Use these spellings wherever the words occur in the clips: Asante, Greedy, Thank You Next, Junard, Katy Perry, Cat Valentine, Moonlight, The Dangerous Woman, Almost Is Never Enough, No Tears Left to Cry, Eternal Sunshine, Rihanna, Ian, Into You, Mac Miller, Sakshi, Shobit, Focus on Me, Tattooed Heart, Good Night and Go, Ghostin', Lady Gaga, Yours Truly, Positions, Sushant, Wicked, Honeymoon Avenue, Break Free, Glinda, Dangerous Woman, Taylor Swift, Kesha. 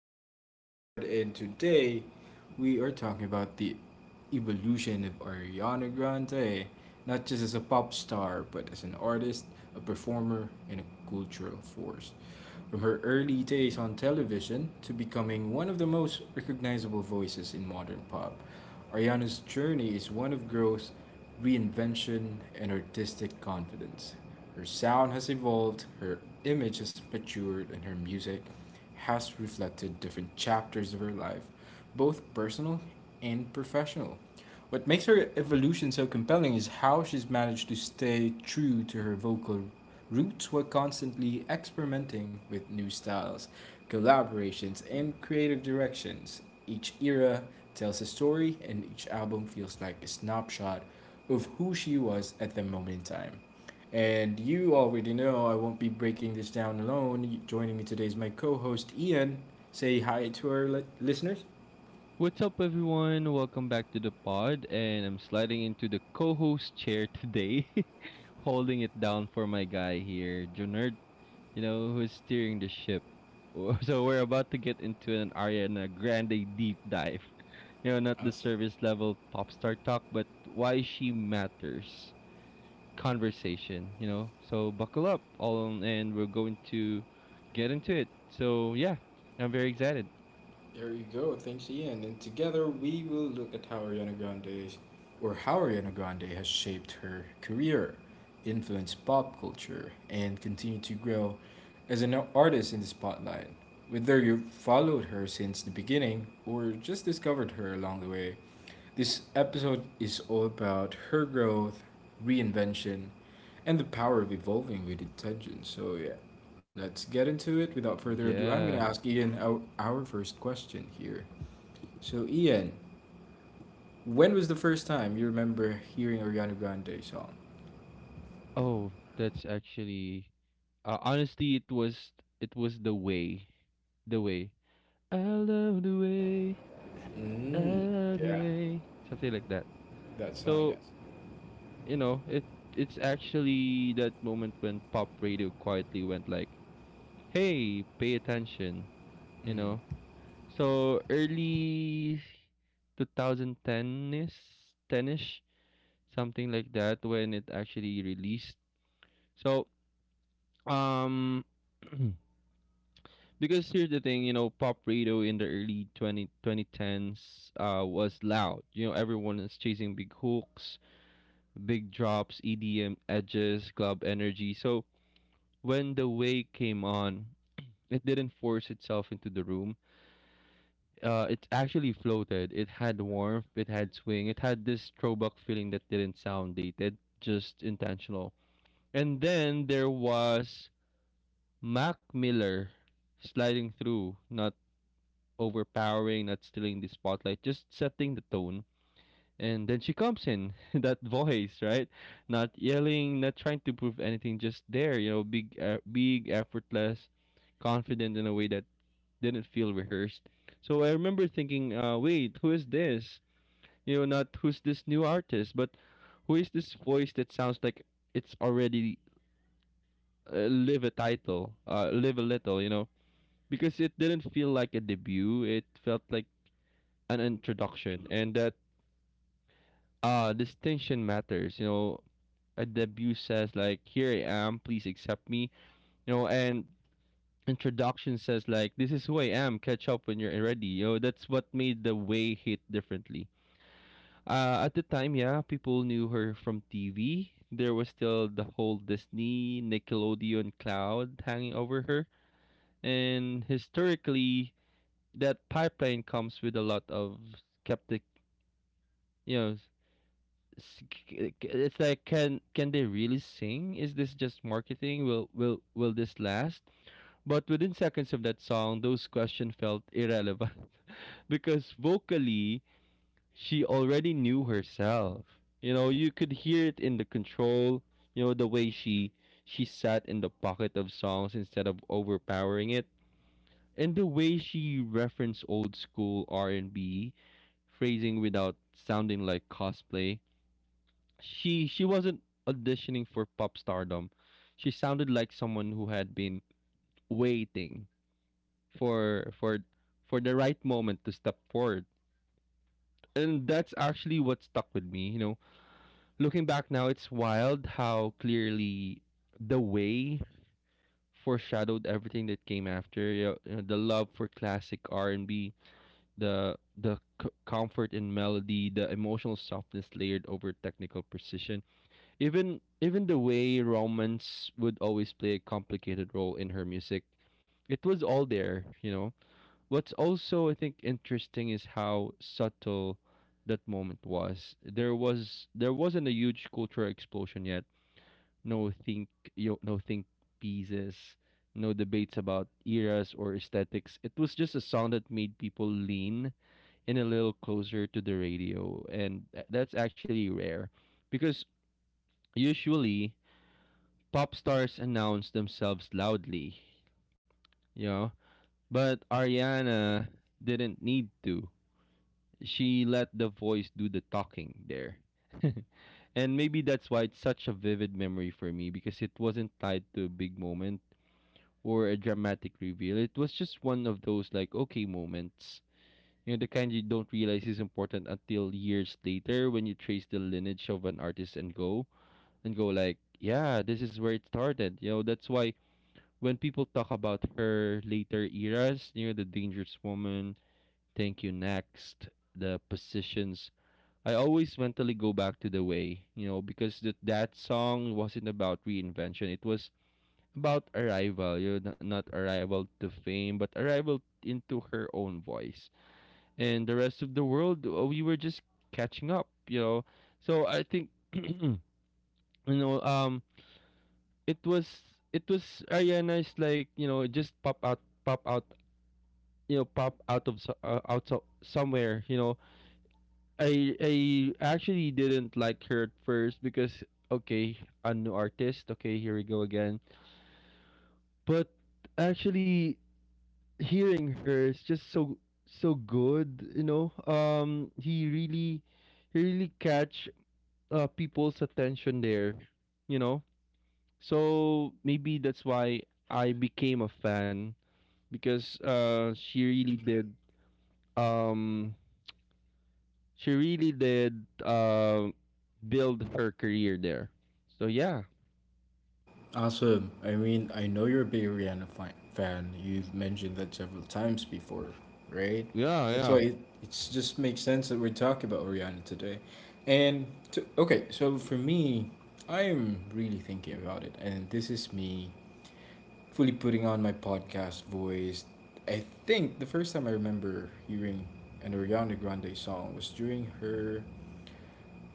boy Junard, and today we are talking about the evolution of Ariana Grande, not just as a pop star, but as an artist, a performer, and a cultural force. From her early days on television to becoming one of the most recognizable voices in modern pop, Ariana's journey is one of growth, reinvention, and artistic confidence. Her sound has evolved, her image has matured, and her music has reflected different chapters of her life, both personal and professional. What makes her evolution so compelling is how she's managed to stay true to her vocal roots while constantly experimenting with new styles, collaborations, and creative directions. Each era tells a story, and each album feels like a snapshot of who she was at the moment in time. And you already know I won't be breaking this down alone. Joining me today is my co host, Ian. Say hi to our listeners. What's up, everyone? Welcome back to the pod. And I'm sliding into the co host chair today, holding it down for my guy here, Junard, you know, who's steering the ship. So, we're about to get into an Ariana Grande deep dive. You know, not the Awesome. service level pop star talk, but why she matters conversation, you know. So, buckle up, all and we're going to get into it. So, yeah, I'm very excited. There you go. Thanks, Ian. And together we will look at how or how Ariana Grande has shaped her career, influenced pop culture, and continued to grow as an artist in the spotlight. Whether you followed her since the beginning or just discovered her along the way, this episode is all about her growth, reinvention, and the power of evolving with intention. So, yeah, let's get into it. Without further ado, I'm going to Yeah. ask Ian our first question here. So, Ian, when was the first time you remember hearing Ariana Grande song? Oh, that's actually honestly it was the way. The way. I love the way. I Mm, love the yeah. way. Something like that. That song, So, yes. you know, it's actually that moment when pop radio quietly went like, "Hey, pay attention." You know. Mm-hmm. So, early 2010-ish, 10-ish, something like that when it actually released. So, um because here's the thing, you know, pop radio in the early twenty twenty tens, was loud. You know, everyone is chasing big hooks, big drops, EDM edges, club energy. So when the wave came on, it didn't force itself into the room. It actually floated. It had warmth. It had swing. It had this throwback feeling that didn't sound dated, just intentional. And then there was Mac Miller sliding through, not overpowering, not stealing the spotlight, just setting the tone. And then she comes in, that voice, right? Not yelling, not trying to prove anything, just there, you know, effortless, confident in a way that didn't feel rehearsed. So I remember thinking, wait, who is this? You know, not who's this new artist, but who is this voice that sounds like it's already live a little, you know? Because it didn't feel like a debut. It felt like an introduction, and that distinction matters. You know, a debut says like, here I am, please accept me. You know, and introduction says like, this is who I am, catch up when you're ready. You know, that's what made the way hit differently. At the time, yeah, people knew her from TV. There was still the whole Disney, Nickelodeon cloud hanging over her. And historically, that pipeline comes with a lot of skeptic, you know, s- it's like, can they really sing? Is this just marketing? Will this last? But within seconds of that song, those questions felt irrelevant. Because vocally, she already knew herself. You know, you could hear it in the control, you know, the way she sat in the pocket of songs instead of overpowering it. And the way she referenced old school R&B phrasing without sounding like cosplay, she wasn't auditioning for pop stardom. She sounded like someone who had been waiting for for for the right moment to step forward. And that's actually what stuck with me, you know. Looking back now, it's wild how clearly the way foreshadowed everything that came after. You know, the love for classic R&B, the comfort in melody, the emotional softness layered over technical precision, even the way romance would always play a complicated role in her music. It was all there, you know. What's also, I think, interesting is how subtle that moment was. There wasn't a huge cultural explosion yet. no think no think pieces, no debates about eras or aesthetics. It was just a sound that made people lean in a little closer to the radio, and that's actually rare. Because usually pop stars announce themselves loudly, you know. But Ariana didn't need to. She let the voice do the talking there. And maybe that's why it's such a vivid memory for me, because it wasn't tied to a big moment or a dramatic reveal. It was just one of those like, okay moments. You know, the kind you don't realize is important until years later, when you trace the lineage of an artist and go like, yeah, this is where it started. You know, that's why when people talk about her later eras, you know, The Dangerous Woman, Thank You Next, the positions, I always mentally go back to the way, you know, because that song wasn't about reinvention. It was about arrival, you know, not arrival to fame, but arrival into her own voice. And the rest of the world, we were just catching up, you know. So I think, you know, it was it was Ariana is like, you know, just pop out, you know, pop out of somewhere, you know. I actually didn't like her at first because, okay, a new artist, okay, here we go again. But actually hearing her is just so good, you know. He really catch, people's attention there, you know. So maybe that's why I became a fan, because she really did, um she really did, build her career there. So yeah, Awesome. I mean, I know you're a big Rihanna fan. You've mentioned that several times before, right? yeah, That's why yeah. it it's just makes sense that we're talking about Rihanna today. And to, okay, so for me, I'm really thinking about it, and this is me fully putting on my podcast voice. I think the first time I remember hearing an Ariana Grande song was during her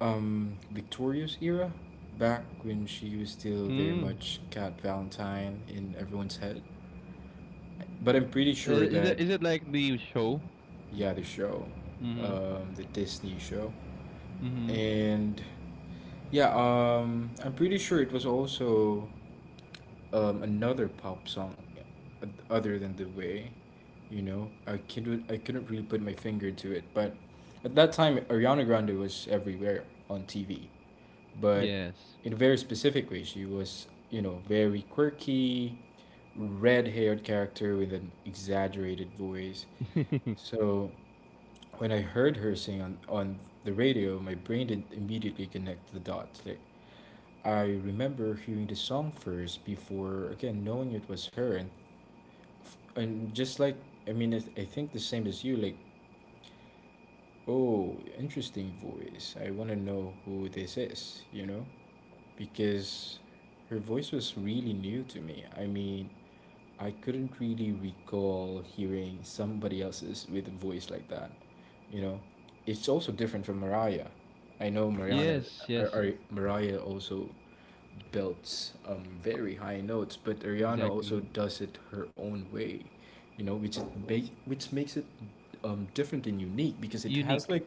Victoria's era, back when she was still very Mm. much Cat Valentine in everyone's head. But I'm pretty sure Is it that is it like the show? yeah, the show, Mm-hmm. The Disney show, Mm-hmm. and yeah, I'm pretty sure it was also another pop song, uh, other than the way, you know, I couldn't really put my finger into it, but at that time Ariana Grande was everywhere on TV. But Yes. in a very specific way. She was, you know, very quirky, red haired character with an exaggerated voice. So when I heard her sing on the radio, my brain didn't immediately connect the dots. Like, I remember hearing the song first before, again, knowing it was her. And just like, I mean, I think the same as you, like, oh, interesting voice. I want to know who this is, you know? Because her voice was really new to me. I mean, I couldn't really recall hearing somebody else's with a voice like that. You know, it's also different from Mariah. I know Mariana, Yes. or, Yes. or Mariah also belts very high notes, but Ariana also Exactly. does it her own way. You know, which makes it different and unique because it has Unique. like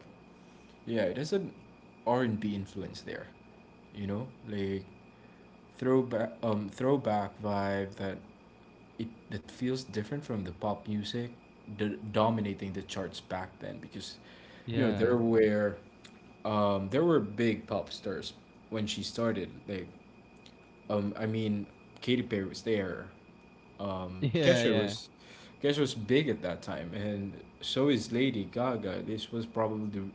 yeah, it has an R and B influence there. You know, like throwback vibe that it that feels different from the pop music dominating the charts back then because you know Yeah. there were there were big pop stars when she started like I mean Katy Perry was there, um Yeah. Kesha Yeah. was Kesha was big at that time, and so is Lady Gaga. This was probably the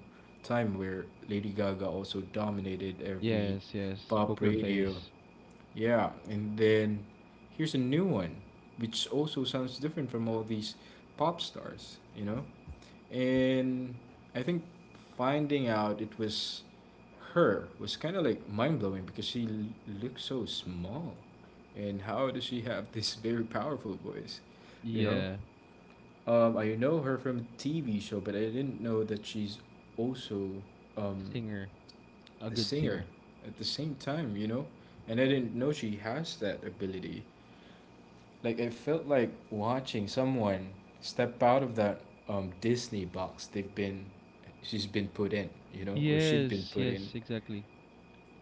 time where Lady Gaga also dominated every Yes. Yes. pop Poker radio. face. Yeah, and then here's a new one, which also sounds different from all these pop stars, you know? And I think finding out it was her was kind of like mind blowing because she looks so small. And how does she have this very powerful voice, you know? Yeah. I know her from a TV show, but I didn't know that she's also um, Singer. A a good singer singer. at the same time, you know? And I didn't know she has that ability. Like it felt like watching someone step out of that Disney box they've been she's been put in, you know, or she'd been Yes. put in. Yes. Exactly.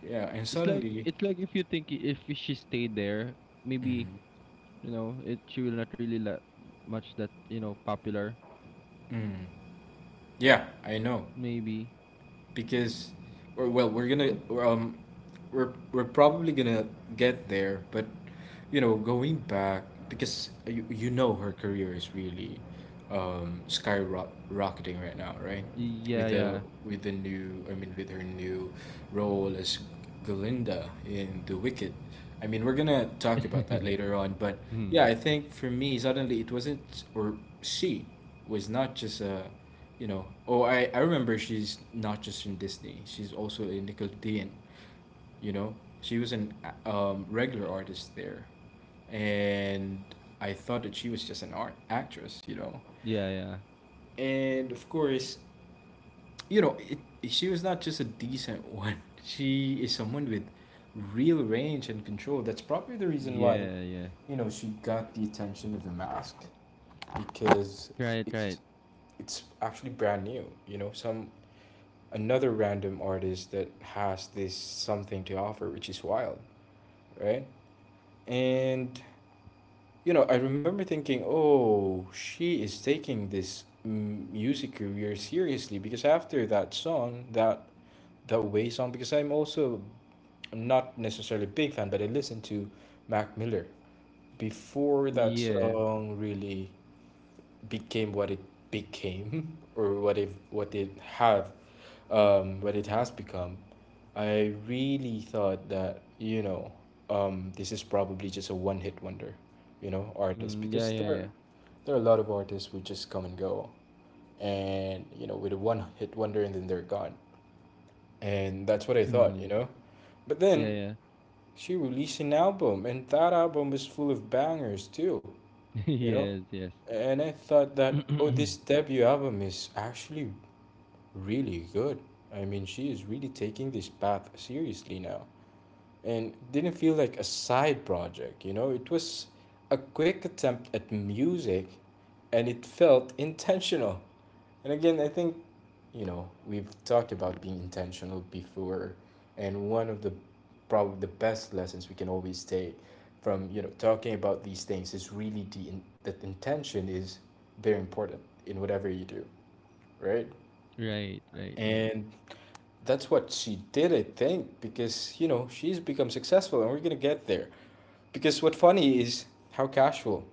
Yeah, and It's like suddenly, it's like if you if she stayed there, maybe. mm, You know, it she will not really that much that, you know, popular. mm, yeah, I know Maybe. because, or well, we're probably gonna get there, but you know, going back because you know her career is really skyrocketing right now, right? Yeah, With the yeah. with her new role as Glinda in The Wicked. I mean, we're gonna talk about that later on, but yeah, Mm. I think for me, suddenly it wasn't, or she was not just a, you know, oh, I remember she's not just in Disney. She's also in Nickelodeon. You know, she was an a- regular artist there, and I thought that she was just an art actress, you know? Yeah, yeah. And of course, you know, it, she was not just a decent one. She is someone with real range and control. That's probably the reason why, Yeah, yeah. you know, she got the attention of the mask because Right, right. it's it's actually brand new. You know, some another random artist that has this something to offer, which is wild, right? And you know, I remember thinking, oh, she is taking this music career seriously, because after that song, that way song, because I'm also not necessarily a big fan, but I listened to Mac Miller before that Yeah. song really became what it became. Or what it have what it has become. I really thought that, you know, this is probably just a one hit wonder, you know, artist, Mm, yeah, because yeah, yeah. there are a lot of artists who just come and go, and you know, with a one hit wonder, and then they're gone, and that's what I thought, Mm-hmm. you know. But Yeah, then yeah. she released an album, and that album was full of bangers too, you know. Yes, yes. And I thought that, oh, this debut album is actually really good. I mean, she is really taking this path seriously now, and didn't feel like a side project, you know? It was a quick attempt at music, and it felt intentional. And again, I think, you know, we've talked about being intentional before, and one of the probably the best lessons we can always take from, you know, talking about these things is really that intention is very important in whatever you do, right? Right, right, right. And that's what she did, I think, because you know she's become successful, and we're gonna get there. Because what funny is how casual,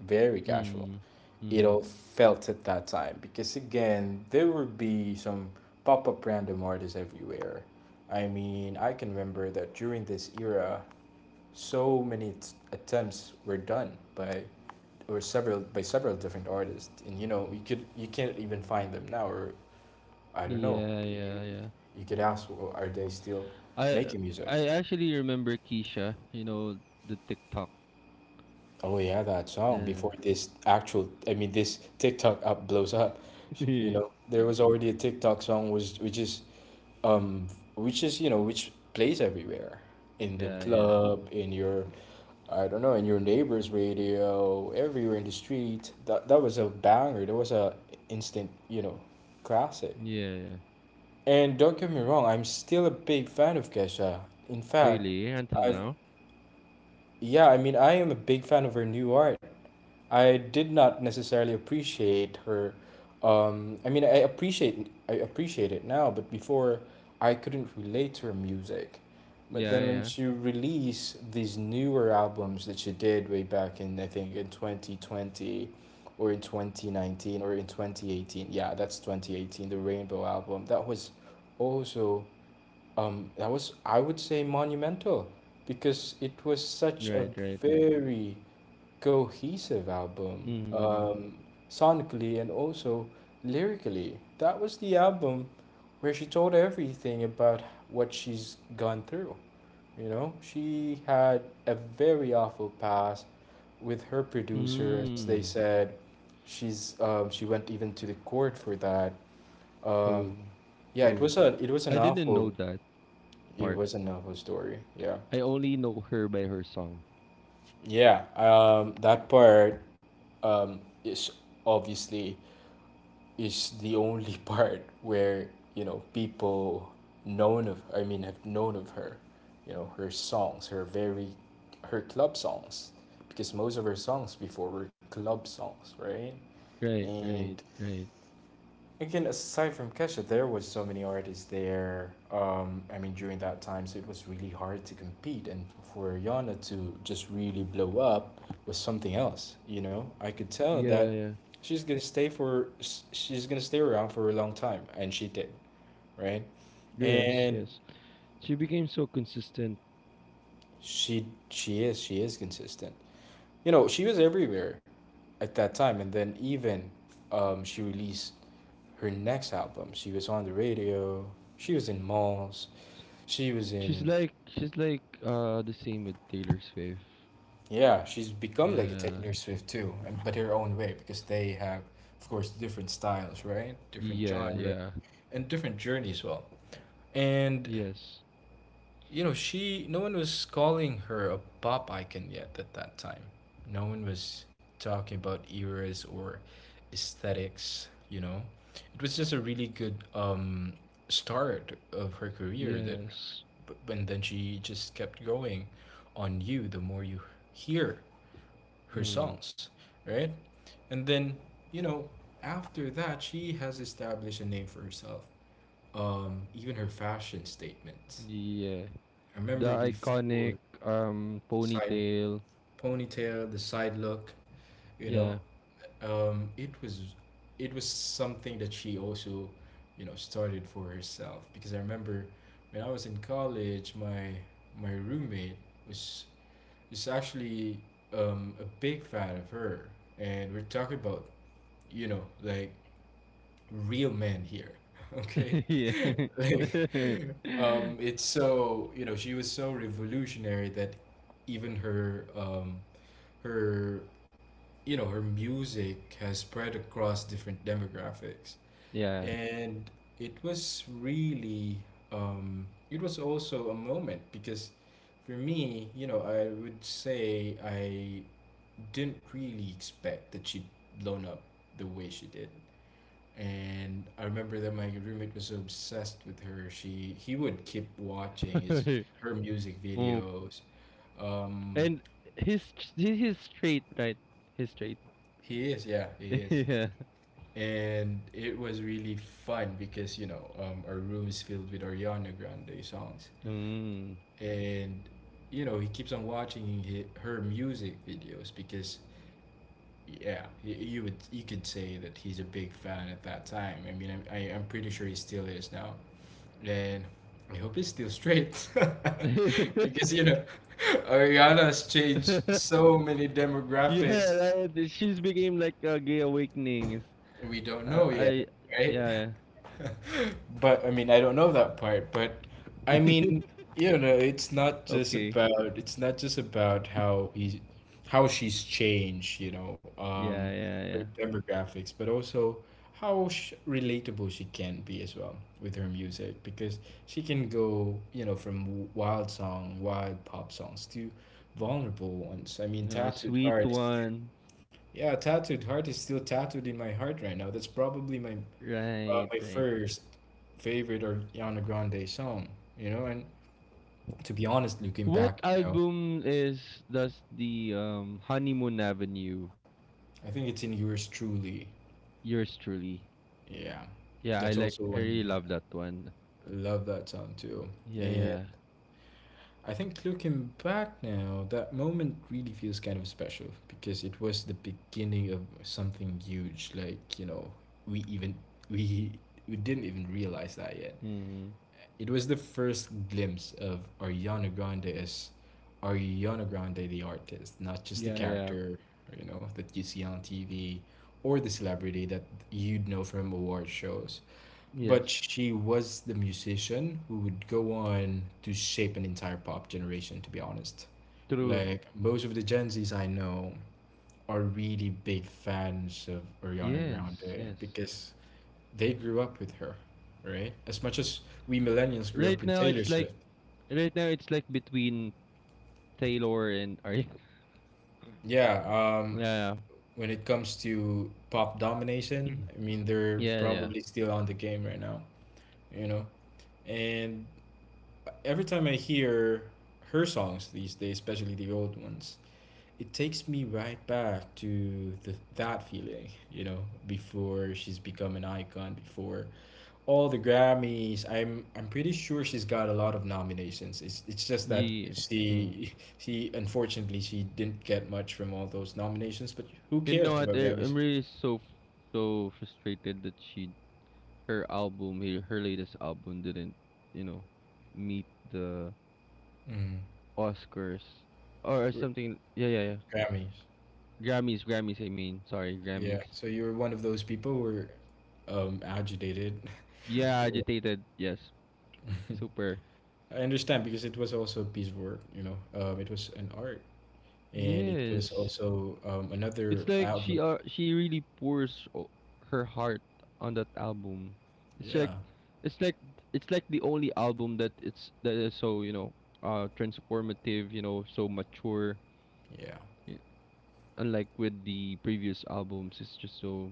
very casual, Mm. it Mm-hmm. all felt at that time. Because again, there would be some pop up random artists everywhere. I mean, I can remember that during this era, so many attempts were done by or several by several different artists, and you know you can't even find them now, or I don't know. Yeah, You, yeah, yeah. you could ask, well, are they still I making music? I actually remember Keisha, you know, the TikTok. Oh yeah, that song Yeah. before this actual, I mean, this TikTok app blows up. You Yeah, know, there was already a TikTok song was um, which is you know which plays everywhere in the yeah. club, in your, I don't know, in your neighbor's radio, everywhere in the street. That was a banger. That was a instant, you know, classic. Yeah, yeah. And don't get me wrong, I'm still a big fan of Kesha. In fact, Really? Until I've now? yeah, I mean, I am a big fan of her new art. I did not necessarily appreciate her. I mean, I appreciate it now, but before I couldn't relate to her music. But Yeah, then when yeah. she released these newer albums that she did way back in, I think in 2020 or in 2019 or in 2018. Yeah, that's 2018, the Rainbow album. That was also that was, I would say, monumental because it was such a Right, right, right. very cohesive album, Mm. um, sonically and also lyrically. That was the album where she told everything about what she's gone through. You know, she had a very awful past with her producer, as they Mm. said. She went even to the court for that. Um, Oh. yeah, Oh. It was an I didn't know awful that it part. was a novel story. Yeah. I only know her by her song. Yeah. That part is obviously is the only part where, you know, people known of I mean have known of her, you know, her songs, her very her club songs, because most of her songs before were club songs, right? Right, And right, right. again, aside from Kesha, there was so many artists there. I mean, during that time, so it was really hard to compete, and for Yana to just really blow up was something else. You know, I could tell Yeah, that yeah. She's gonna stay around for a long time, and she did, right? Yes, And yes. She became so consistent. She is consistent. You know, she was everywhere at that time, and then even she released her next album. She was on the radio. She was in malls. She was in She's like the same with Taylor Swift. yeah. She's become like a Yeah. Taylor Swift too, but her own way because they have, of course, different styles, right? Different Yeah, genre yeah. and different journey as well. And Yes. She no one was calling her a pop icon yet at that time. No one was talking about eras or aesthetics, you know. It was just a really good start of her career that Yes. and then she just kept going on you the more you hear her Mm. songs, right? And then, you know, after that she has established a name for herself. Even her fashion statements. Yeah. I The remember iconic before side ponytail. ponytail, the side look, you know. Yeah. It was it was something that she also, you know, started for herself because I remember when I was in college, my roommate was was actually a big fan of her, and we're talking about, you know, like real men here. Okay. Yeah. Like it's so, you know, she was so revolutionary that even her you know her music has spread across different demographics, Yeah. and it was really it was also a moment because for me, you know, I would say I didn't really expect that she'd blown up the way she did. And I remember that my roommate was obsessed with her. She he would keep watching his her music Oh, videos. Um, and he's straight, right? He's straight. he is, yeah, he is, Yeah. and it was really fun because, you know, our room is filled with Ariana Grande songs, Mm. and you know he keeps on watching hi her music videos because. Yeah, you could say that he's a big fan at that time. I mean, I'm pretty sure he still is now. Man, I hope he's still straight. Because, you know, Ariana's changed so many demographics, Yeah, right. She's became like a gay awakening. It's, we don't know I yet, right? yeah. But I mean, I don't know that part. But I mean, you know, it's not just Okay. about it's not just about how he how she's changed, you know, Yeah, yeah, her yeah. demographics, but also how sh relatable she can be as well with her music, because she can go, you know, from wild pop songs to vulnerable ones. I mean, No, Tattooed sweet Heart is still one. yeah, Tattooed Heart is still tattooed in my heart right now. That's probably my Right, my right. first favorite or Yana Grande song, you know. And to be honest, looking What back, you know, album is does the Honeymoon Avenue? I think it's in Yours Truly. Yours truly. Yeah, Yeah, I that's like also I when really love that one. I love that song too. Yeah, And yeah. I think looking back now, that moment really feels kind of special, because it was the beginning of something huge. Like, you know, we even we we didn't even realize that yet. Mm-hmm. It was the first glimpse of Ariana Grande as Ariana Grande, the artist, not just the Yeah, yeah. character, you know, that you see on TV or the celebrity that you'd know from award shows. But Yes. she was the musician who would go on to shape an entire pop generation, to be honest. True. Like, most of the Gen Zs I know are really big fans of Ariana Yes, Grande yes. because they grew up with her, right? As much as we millennials grew up Right with now Taylor it's like Swift. right now it's like between Taylor and Ari. Yeah, Yeah. when it comes to pop domination, I mean, they're Yeah, yeah. probably still on the game right now, you know? And every time I hear her songs these days, especially the old ones, it takes me right back to that feeling, you know, before she's become an icon, before all the Grammys. I'm pretty sure she's got a lot of nominations. It's just that Yeah. Mm. she unfortunately she didn't get much from all those nominations, but who You know cares what? about I'm Grammys? really so frustrated that she her album, her latest album, didn't, you know, meet the Mm. Oscars or R- something. Yeah, yeah, yeah. Grammys. Grammys, Grammys, I mean. Sorry, Yeah. Grammys. So you were one of those people who were agitated. Yeah, agitated. Yes. Super. I understand because it was also a piece of work, you know. It was an art, and it was Yes. also another It's like album. She really pours her heart on that album. It's like Yeah, it's like it's like the only album that it's that is so, you know, transformative, you know, so mature. yeah. y- Unlike with the previous albums, it's just so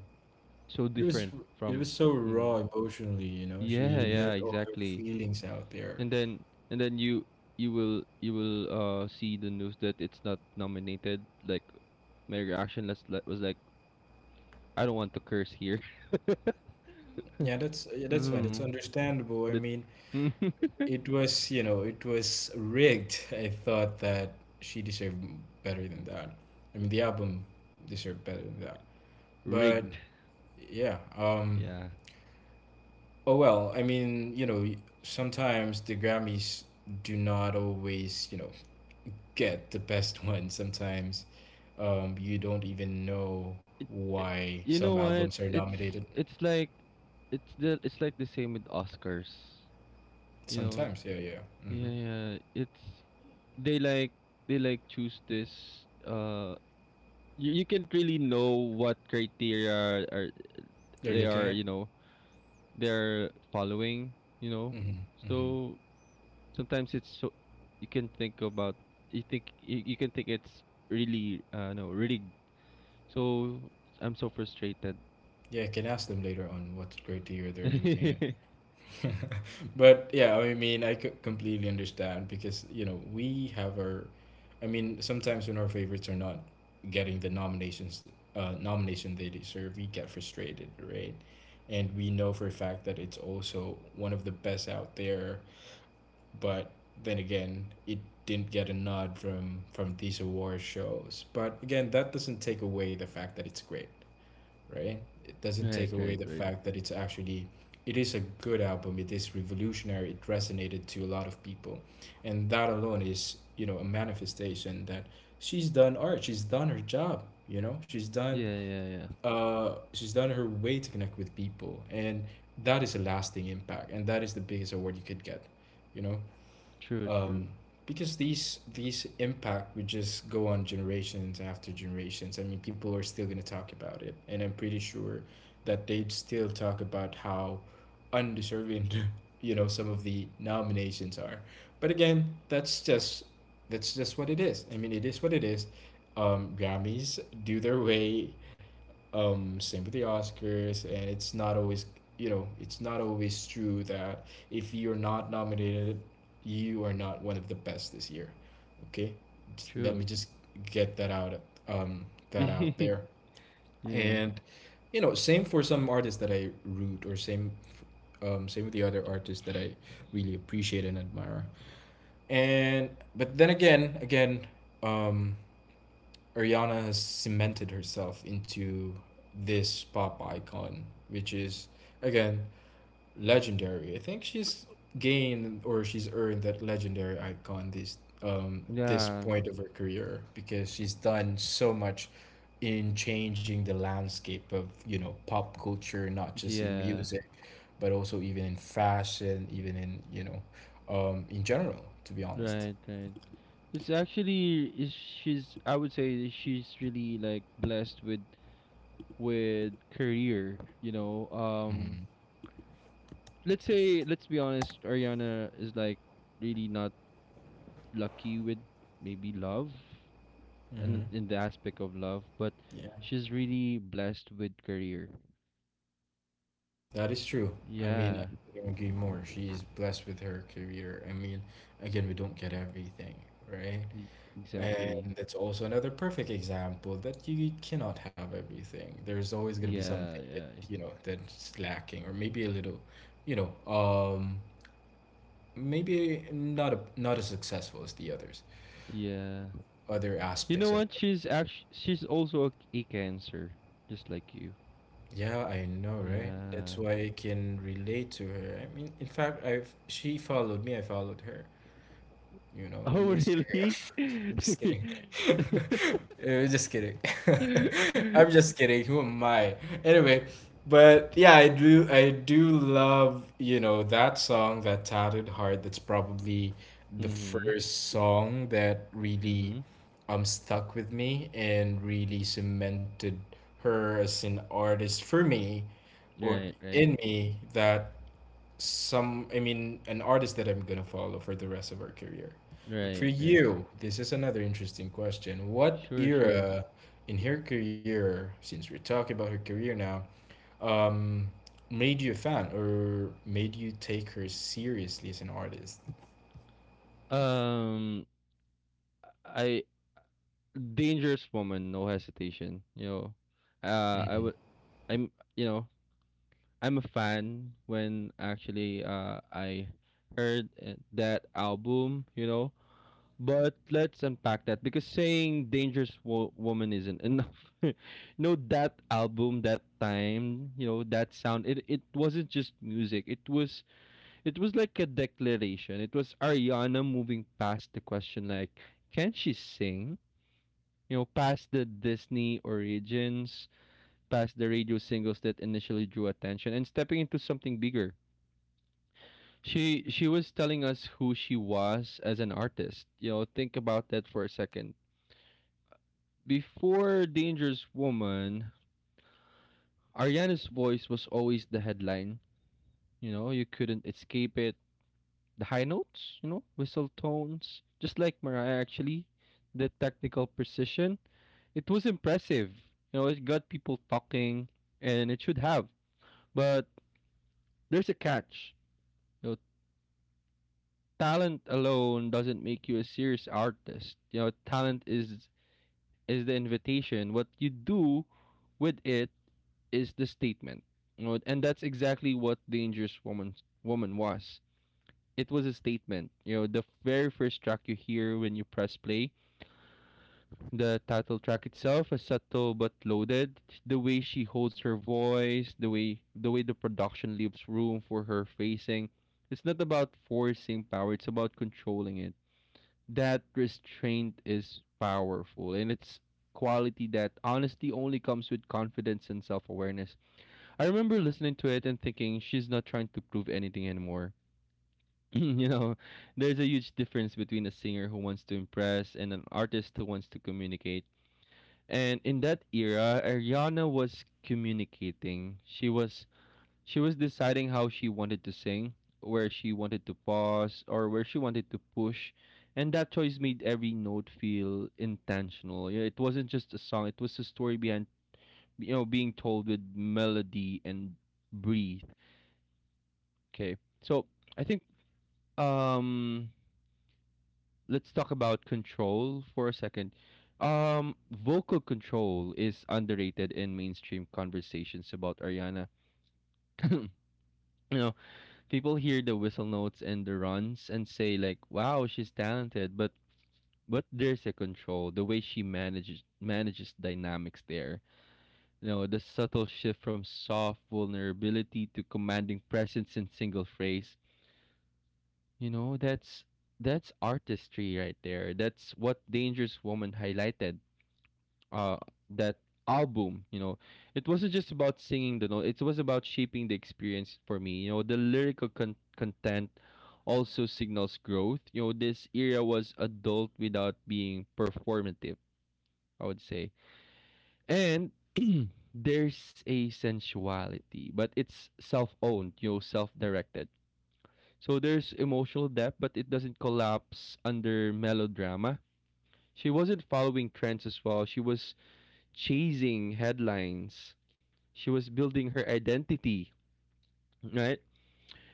so It was different it from. was so mm. raw emotionally, you know. Yeah, She yeah, let all her exactly. feelings out there. and then and then you you will see the news that it's not nominated. Like, my reaction was like, I don't want to curse here. Yeah, that's fine. That's Mm, understandable. I that. mean, it was, you know, it was rigged. I thought that better than that. I mean, the album deserved better than that. But Rigged. yeah, Yeah. oh well. I mean, you know, sometimes the Grammys do not always, you know, get the best one sometimes. You don't even know it, it, why you some know what, albums are it's nominated. it's like, it's like the same with Oscars, you know. Sometimes, yeah, yeah. Hmm. Yeah, yeah. It's, they like, choose this, you, can't really know what criteria are, They're they looking are, at. you know, they're following, you know. Hmm. Hmm. So sometimes it's so you can think about, you think, you can think it's really, no, rigged. So I'm so frustrated. Yeah, I can ask them later on what criteria they're looking Right, at. But yeah, I mean, I could completely understand because, you know, I mean, sometimes when our favorites are not getting the nominations, nomination they deserve, we get frustrated, right? And we know for a fact that it's also one of the best out there, but then again, it didn't get a nod from these award shows. But again, that doesn't take away the fact that it's great, right? It doesn't right, take away right. the fact that it's actually it is a good album. It is revolutionary. It resonated to a lot of people, and that alone is, you know, a manifestation that she's done art. She's done her job. You know, Yeah, yeah, yeah. She's done her way to connect with people, and that is a lasting impact, and that is the biggest award you could get. You know, True, true, um, because these impact would just go on generations after generations. I mean, people are still gonna talk about it, and I'm pretty sure that they'd still talk about how undeserving you know some of the nominations are. But again, that's just what it is. I mean, it is what it is. Grammys do their way same with the Oscars, and it's not always you know it's not always true that if you're not nominated you are not one of the best this year. Okay. Just let me true. just get that out, um that out Yeah, there. And, you know, same, same with the other artists that I really appreciate and admire. And but then again again um Ariana has cemented herself into this pop icon, which is again legendary. I think she's gained or she's earned that legendary icon this this yeah, point of her career, because she's done so much in changing the landscape of, you know, pop culture, not just in yeah. music, but also even in fashion, even in, you know, in general. To be honest. Right, right. It's actually is she's, I would say that she's really like blessed with career, you know. Let's say, let's be honest, Ariana is like really not lucky with, maybe, love Mm-hmm. and in the aspect of love, but Yeah. she's really blessed with career. That is true. I mean, I Yeah, couldn't agree more. She's blessed with her career. I mean, again, we don't get everything, right? e- And exactly. that's also another perfect example that you cannot have everything. There's always going to be something Yeah, that, yeah, you know, that's lacking or maybe a little, you know, maybe not as successful as the others. yeah. Other You know aspects of what? She's also a cancer, just like you. yeah, I know, right? That's Yeah. why I can relate to her. I mean, in fact, I've she followed me, I followed her. You know, who Oh, on really? Instagram. I'm just Mm-hmm. kidding. Just kidding. I'm just kidding. Who am I? Anyway, but yeah, I do love, you know, that song, that Tattered Heart. That's probably the Mm-hmm. first song that really stuck with me and really cemented her as an artist for me, or Right, right, in me, that some I mean an artist that I'm gonna follow for the rest of our career. But for right, right. you, this is another interesting question. What Sure, sure. era in her career, since we're talking about her career now, um, made you a fan or made you take her seriously as an artist? Um, I Dangerous Woman, no hesitation. You know, uh, I would, Mm. I'm, you know, I'm a fan when actually, I heard, that album. You know, but let's unpack that, because saying dangerous woman isn't enough. You know, that album, that time, you know, that sound. It wasn't just music. It was like a declaration. It was Ariana moving past the question like, can she sing? You know, past the Disney origins, past the radio singles that initially drew attention, and stepping into something bigger. She was telling us who she was as an artist. You know, think about that for a second. Before Dangerous Woman, Ariana's voice was always the headline. You couldn't escape it, the high notes, whistle tones, just like Mariah actually, the technical precision. It was impressive. It got people talking, and it should have. But there's a catch. You know, Talent alone doesn't make you a serious artist. Talent is the invitation. What you do with it is the statement. And that's exactly what Dangerous Woman was. It was a statement. The very first track you hear when you press play, the title track itself, is subtle but loaded. The way she holds her voice, the way the production leaves room for her phrasing. It's not about forcing power, it's about controlling it. That restraint is powerful, and it's quality that honestly only comes with confidence and self-awareness. I remember listening to it and thinking she's not trying to prove anything anymore. you know, there's a huge difference between a singer who wants to impress and an artist who wants to communicate, and in that era, Ariana was communicating. She was deciding how she wanted to sing, where she wanted to pause or where she wanted to push. And that choice made every note feel intentional. Yeah, it wasn't just a song, it was a story behind, being told with melody and breathe. Okay. So I think, um let's talk about control for a second. Vocal control is underrated in mainstream conversations about Ariana. you know, people hear the whistle notes and the runs and say like, "Wow, she's talented," but there's a control. The way she manages dynamics there. The subtle shift from soft vulnerability to commanding presence in single phrase. You know, that's that's artistry right there. That's what Dangerous Woman highlighted, uh that album. It wasn't just about singing the note, it was about shaping the experience for me. The lyrical content also signals growth. This era was adult without being performative, I would say. And there's a sensuality, but it's self-owned, self-directed. So there's emotional depth, but it doesn't collapse under melodrama. She wasn't following trends as well, she was chasing headlines. She was building her identity, right?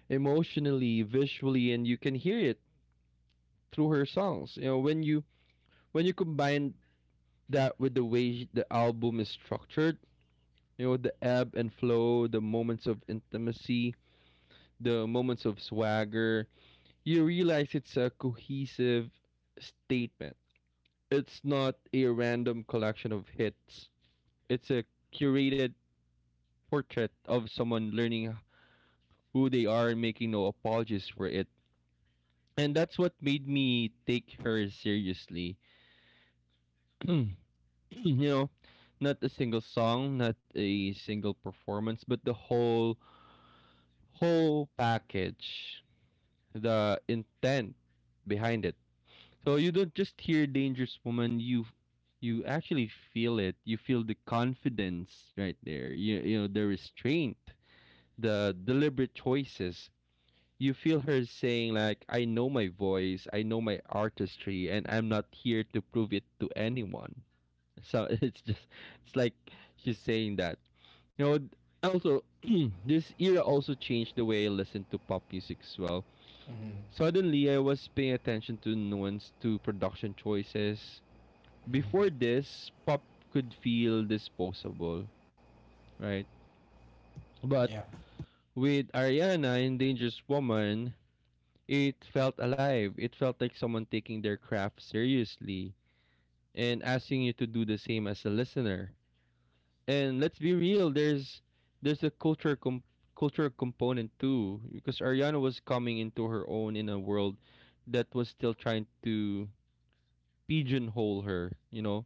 Emotionally, visually, and you can hear it through her songs. When you combine that with the way the album is structured, the ebb and flow, the moments of intimacy, the moments of swagger, you realize it's a cohesive statement. It's not a random collection of hits. It's a curated portrait of someone learning who they are and making no apologies for it. And that's what made me take her seriously. you know not a single song, not a single performance, but the whole package, the intent behind it. So you don't just hear Dangerous Woman, you actually feel it. You feel the confidence right there, the restraint, the deliberate choices. You feel her saying like, I know my voice, I know my artistry, and I'm not here to prove it to anyone. So it's just, it's like she's saying that, you know also. This era also changed the way I listen to pop music as well. Mm-hmm. Suddenly I was paying attention to nuance, to production choices. Before this, pop could feel disposable, right? But Yeah. with Ariana and Dangerous Woman, it felt alive. It felt like someone taking their craft seriously and asking you to do the same as a listener. And let's be real, there's a cultural component too, because Ariana was coming into her own in a world that was still trying to pigeonhole her.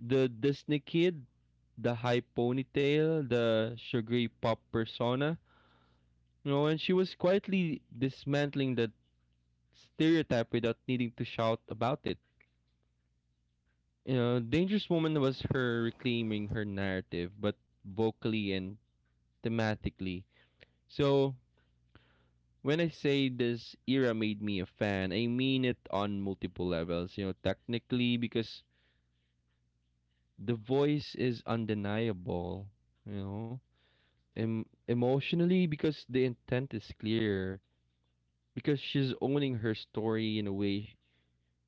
The Disney kid, the high ponytail, the sugary pop persona, and she was quietly dismantling that stereotype without needing to shout about it. Dangerous Woman was her reclaiming her narrative, but vocally and thematically. So when I say this era made me a fan, I mean it on multiple levels. Technically, because the voice is undeniable. You know, emotionally, because the intent is clear. Because she's owning her story in a way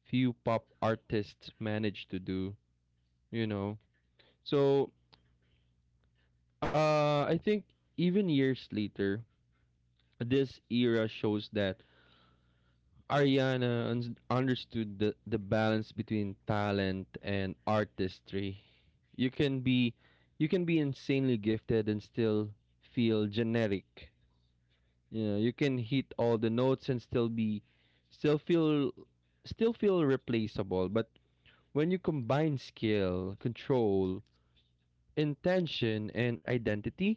few pop artists manage to do. You know, so, I think even years later, this era shows that Ariana understood the balance between talent and artistry. You can be you can be insanely gifted and still feel generic. You can hit all the notes and still be, still feel still feel replaceable, but when you combine skill, control, intention and identity,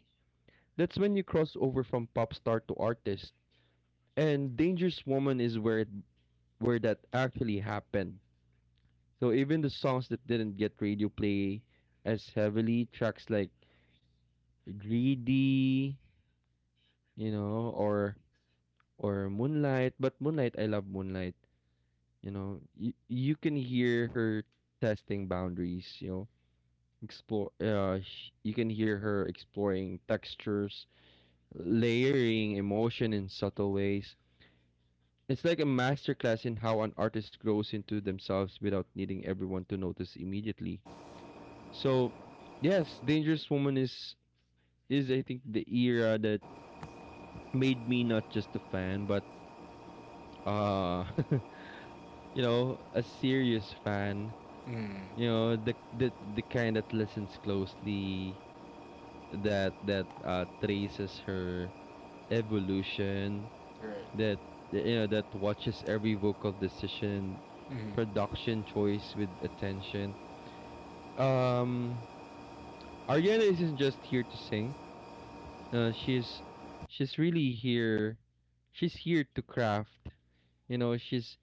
that's when you cross over from pop star to artist. And Dangerous Woman is where that actually happened. So even the songs that didn't get radio play as heavily, tracks like Greedy, you know, or or Moonlight, but Moonlight, I love Moonlight, you know. You can hear her testing boundaries. You can hear her exploring textures, layering emotion in subtle ways. It's like a masterclass in how an artist grows into themselves without needing everyone to notice immediately. So, yes, Dangerous Woman is I think the era that made me not just a fan, but uh a serious fan. Mm. The kind that listens closely, that traces her evolution, Right. that, you know, that watches every vocal decision, Mm. production choice with attention. Um Ariana isn't just here to sing, uh, she's she's really here, she's here to craft. you know she's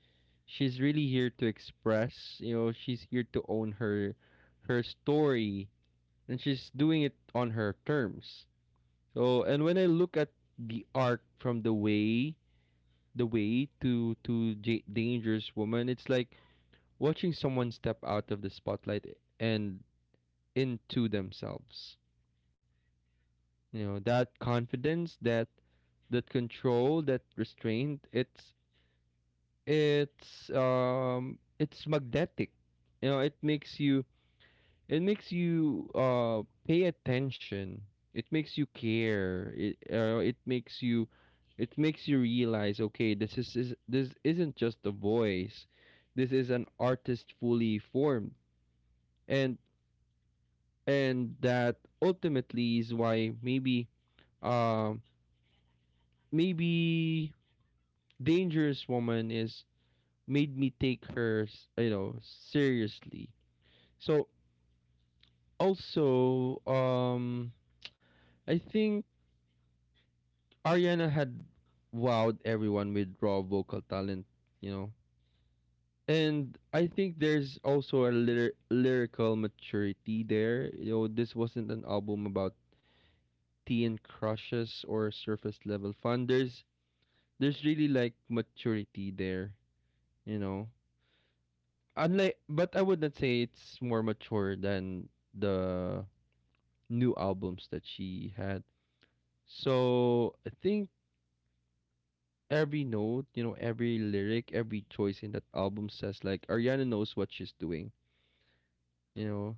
she's really here to express. She's here to own her, her story, and she's doing it on her terms. So, and when I look at the arc from the way to, Dangerous Woman, it's like watching someone step out of the spotlight and into themselves. That confidence, that, that control, that restraint, it's, it's magnetic. you know it makes you it makes you pay attention. It makes you care. It makes you, it makes you realize, okay, this is this isn't just a voice, this is an artist fully formed. and and that ultimately is why, maybe, um maybe Dangerous Woman is made me take her, you know, seriously. So also, I think Ariana had wowed everyone with raw vocal talent, you know. And I think there's also a lyrical maturity there. This wasn't an album about tea and crushes or surface level fun. There's really like maturity there, you know. Unlike, but I would not say it's more mature than the new albums that she had. So I think every note, every lyric, every choice in that album says like Ariana knows what she's doing. You know,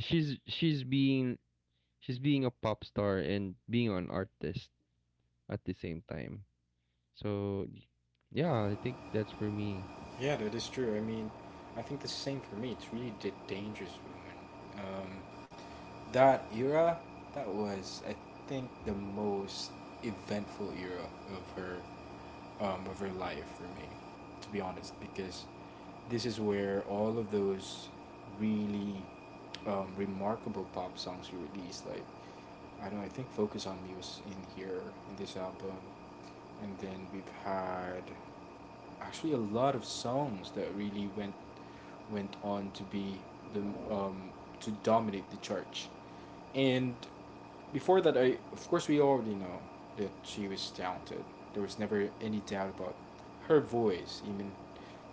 she's she's being she's being a pop star and being an artist at the same time. So yeah, I think that's for me. Yeah, that is true. I mean, I think the same for me. It's really the Dangerous Woman. That era, that was I think the most eventful era of her, of her life for me, to be honest, because this is where all of those really remarkable pop songs were released, like I don't, I think "Focus on Me" was in here in this album, and then we've had actually a lot of songs that really went on to be the um, to dominate the church. And before that, I of course we already know that she was talented. There was never any doubt about her voice. Even,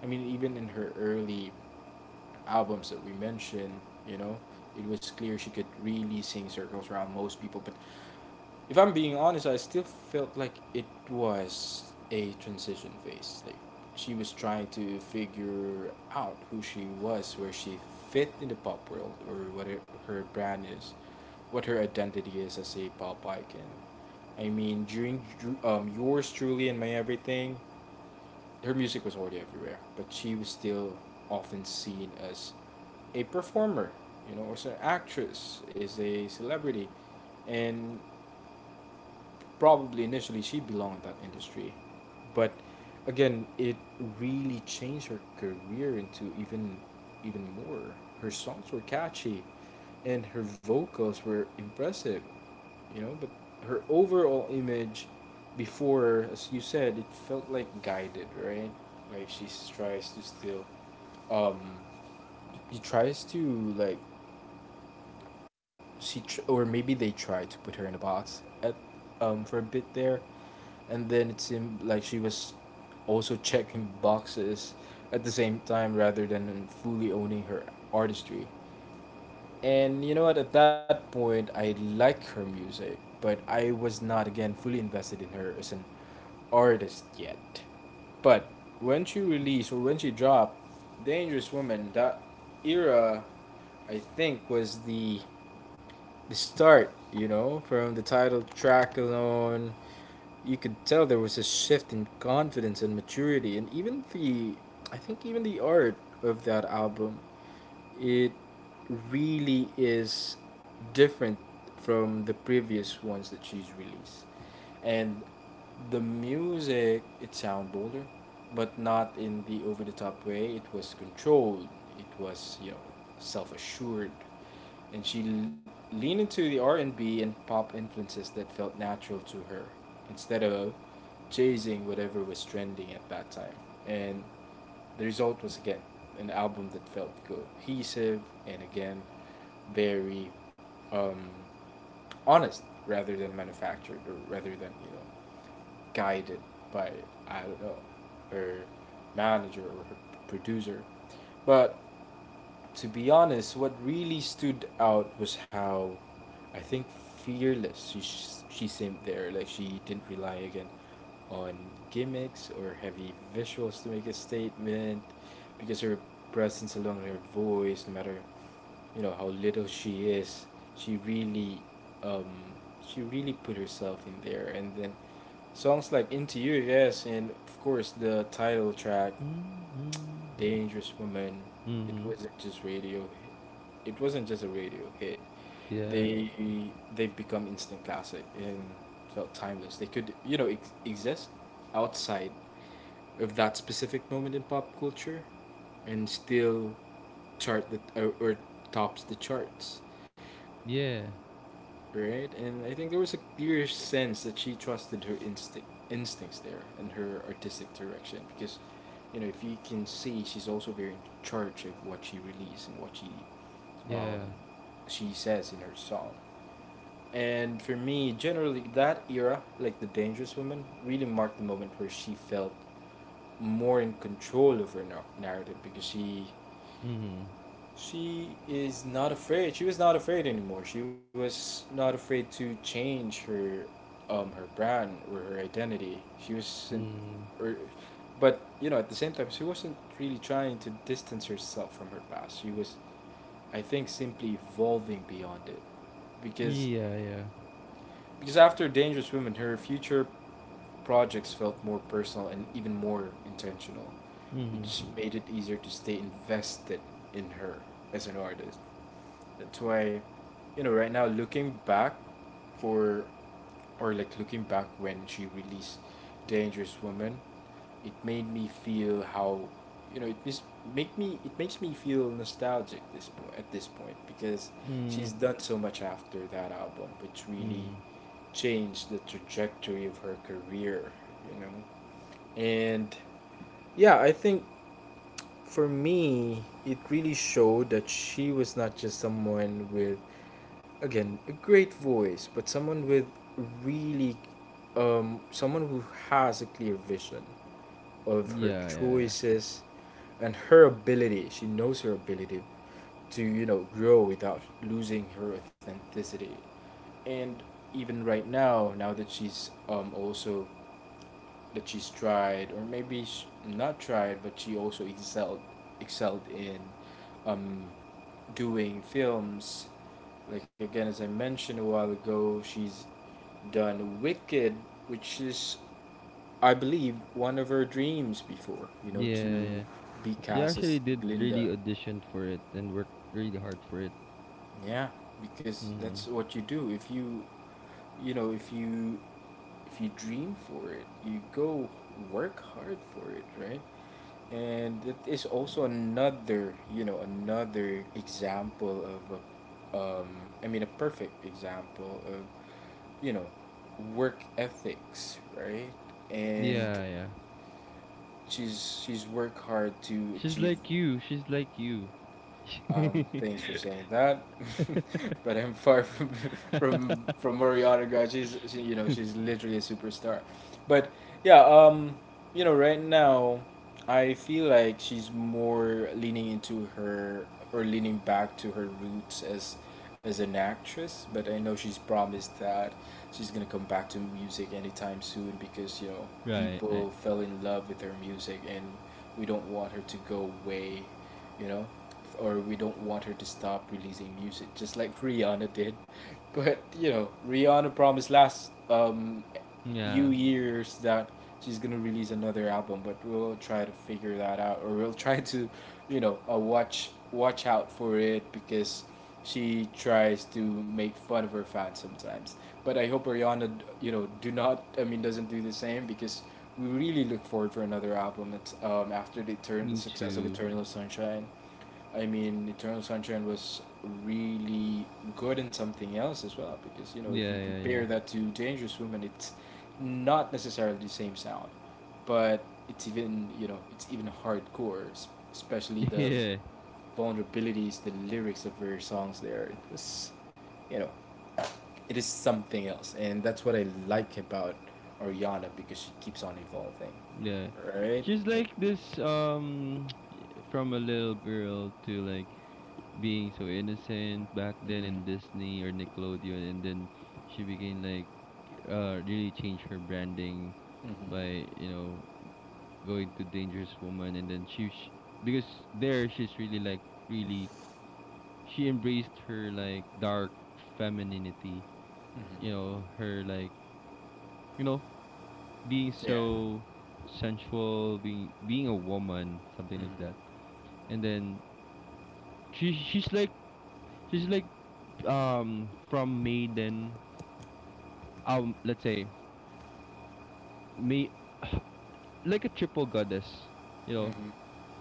I mean, even in her early albums that we mentioned, you know, it was clear she could really sing circles around most people. But if I'm being honest, I still felt like it was a transition phase. Like she was trying to figure out who she was, where she fit in the pop world, or what her brand is, what her identity is as a pop icon. I mean, during yours truly and my everything, her music was already everywhere, but she was still often seen as a performer, as an actress, is a celebrity, and probably initially she belonged in that industry, but again, it really changed her career into even more. Her songs were catchy, and her vocals were impressive, you know. But her overall image before, as you said, it felt like guided, right? Like she tries to still, um, she tries to like she tr- or maybe they tried to put her in a box at for a bit there, and then it seemed like she was also checking boxes at the same time rather than fully owning her artistry. And you know what? At that point, I like her music, but I was not again fully invested in her as an artist yet. But when she dropped Dangerous Woman, that era, I think, was the start, you know, from the title track alone, you could tell there was a shift in confidence and maturity, and even the art of that album, it really is different from the previous ones that she's released, and the music it sound bolder, but not in the over the top way. It was controlled. It was self assured, and she leaned into the R&B and pop influences that felt natural to her instead of chasing whatever was trending at that time. And the result was again an album that felt cohesive and again very um, honest rather than manufactured or rather than guided by, I don't know, her manager or her producer. But to be honest, what really stood out was how, I think, fearless she seemed there. Like she didn't rely again on gimmicks or heavy visuals to make a statement, because her presence alone, her voice, no matter you know how little she is, she really um she really put herself in there. And then songs like "Into You," yes, and of course the title track Mm-hmm. Dangerous Woman, it Mm-hmm. wasn't just radio it wasn't just a radio hit. Yeah. They they've become instant classic and felt timeless. They could, you know, exist outside of that specific moment in pop culture and still chart the or tops the charts, Yeah. right? And I think there was a clear sense that she trusted her instincts there and her artistic direction, because you know if you can see she's also very in charge of what she releases and what um, Yeah. she says in her song. And for me, generally that era, like the Dangerous Woman, really marked the moment where she felt more in control of her narrative, because Mm-hmm. she is not afraid. She was not afraid anymore. She was not afraid to change her, her brand or her identity. She wasn't, Mm-hmm. or, but you know, at the same time, she wasn't really trying to distance herself from her past. She was, I think, simply evolving beyond it, because, Yeah, yeah. because after Dangerous Women, her future projects felt more personal and even more intentional, Mhm. which made it easier to stay invested in her as an artist. That's why, you know, right now looking back for, or like looking back when she released Dangerous Woman, it made me feel how, you know, it mis- make me it makes me feel nostalgic at this point, because Mhm. she's done so much after that album, which really Mhm. changed the trajectory of her career, you know. And yeah, I think for me, it really showed that she was not just someone with again a great voice but someone with really someone who has a clear vision of her Yeah, yeah, yeah. choices and her ability. She knows her ability to you know grow without losing her authenticity, and even right now, now that she's also that she's tried, or maybe sh- not tried, but she also excelled in um, doing films. Like again, as I mentioned a while ago, she's done Wicked, which is, I believe, one of her dreams before. You know, Yeah, to yeah. be She cast as actually did Glinda. really audition for it and worked really hard for it. Yeah, because that's Mhm. what you do. You know, if you, if you dream for it, you go work hard for it, right? And it is also another, you know, another example of, a, um, a perfect example of, you know, work ethics, right? And Yeah, yeah. she's worked hard to She's achieve. like you. She's like you. Thanks for saying that. But I'm far from from Mariana, guys. She, you know, she's literally a superstar. But yeah, you know right now, I feel like she's more leaning into her, or leaning back to her roots as an actress. But I know she's promised that she's gonna come back to music anytime soon, because you know Right, right. people fell in love with her music and we don't want her to go away. You know, or we don't want her to stop releasing music, just like Rihanna did. But you know, Rihanna promised last New Yeah, Year's that she's gonna release another album, but we'll try to figure that out, or we'll try to, you know, watch out for it, because she tries to make fun of her fans sometimes. But I hope Rihanna, you know, do not. I mean, doesn't do the same, because we really look forward for another album. It's after the me success of too. Eternal Sunshine. I mean, Eternal Sunshine was really good in something else as well, because you know if Yeah, you yeah, yeah. compare that to Dangerous Woman, it's not necessarily the same sound, but it's even you know it's even hardcore, especially the Yeah, vulnerabilities, the lyrics of her songs. There, it was, you know, it is something else, and that's what I like about Ariana, because she keeps on evolving, yeah. right? She's Yeah. like this, from a little girl to like being so innocent back then in Mhm. Disney or Nickelodeon, and then she became like, really changed her branding Mhm. by, you know, going to Dangerous Woman. And then because there she's really like, really she embraced her like dark femininity, Mhm. Her like, you know being Yeah. so sensual, being a woman, something Mhm. like that. And then she she's like she's like, from Maiden, let's say, me, like a triple goddess, you know. Mhm.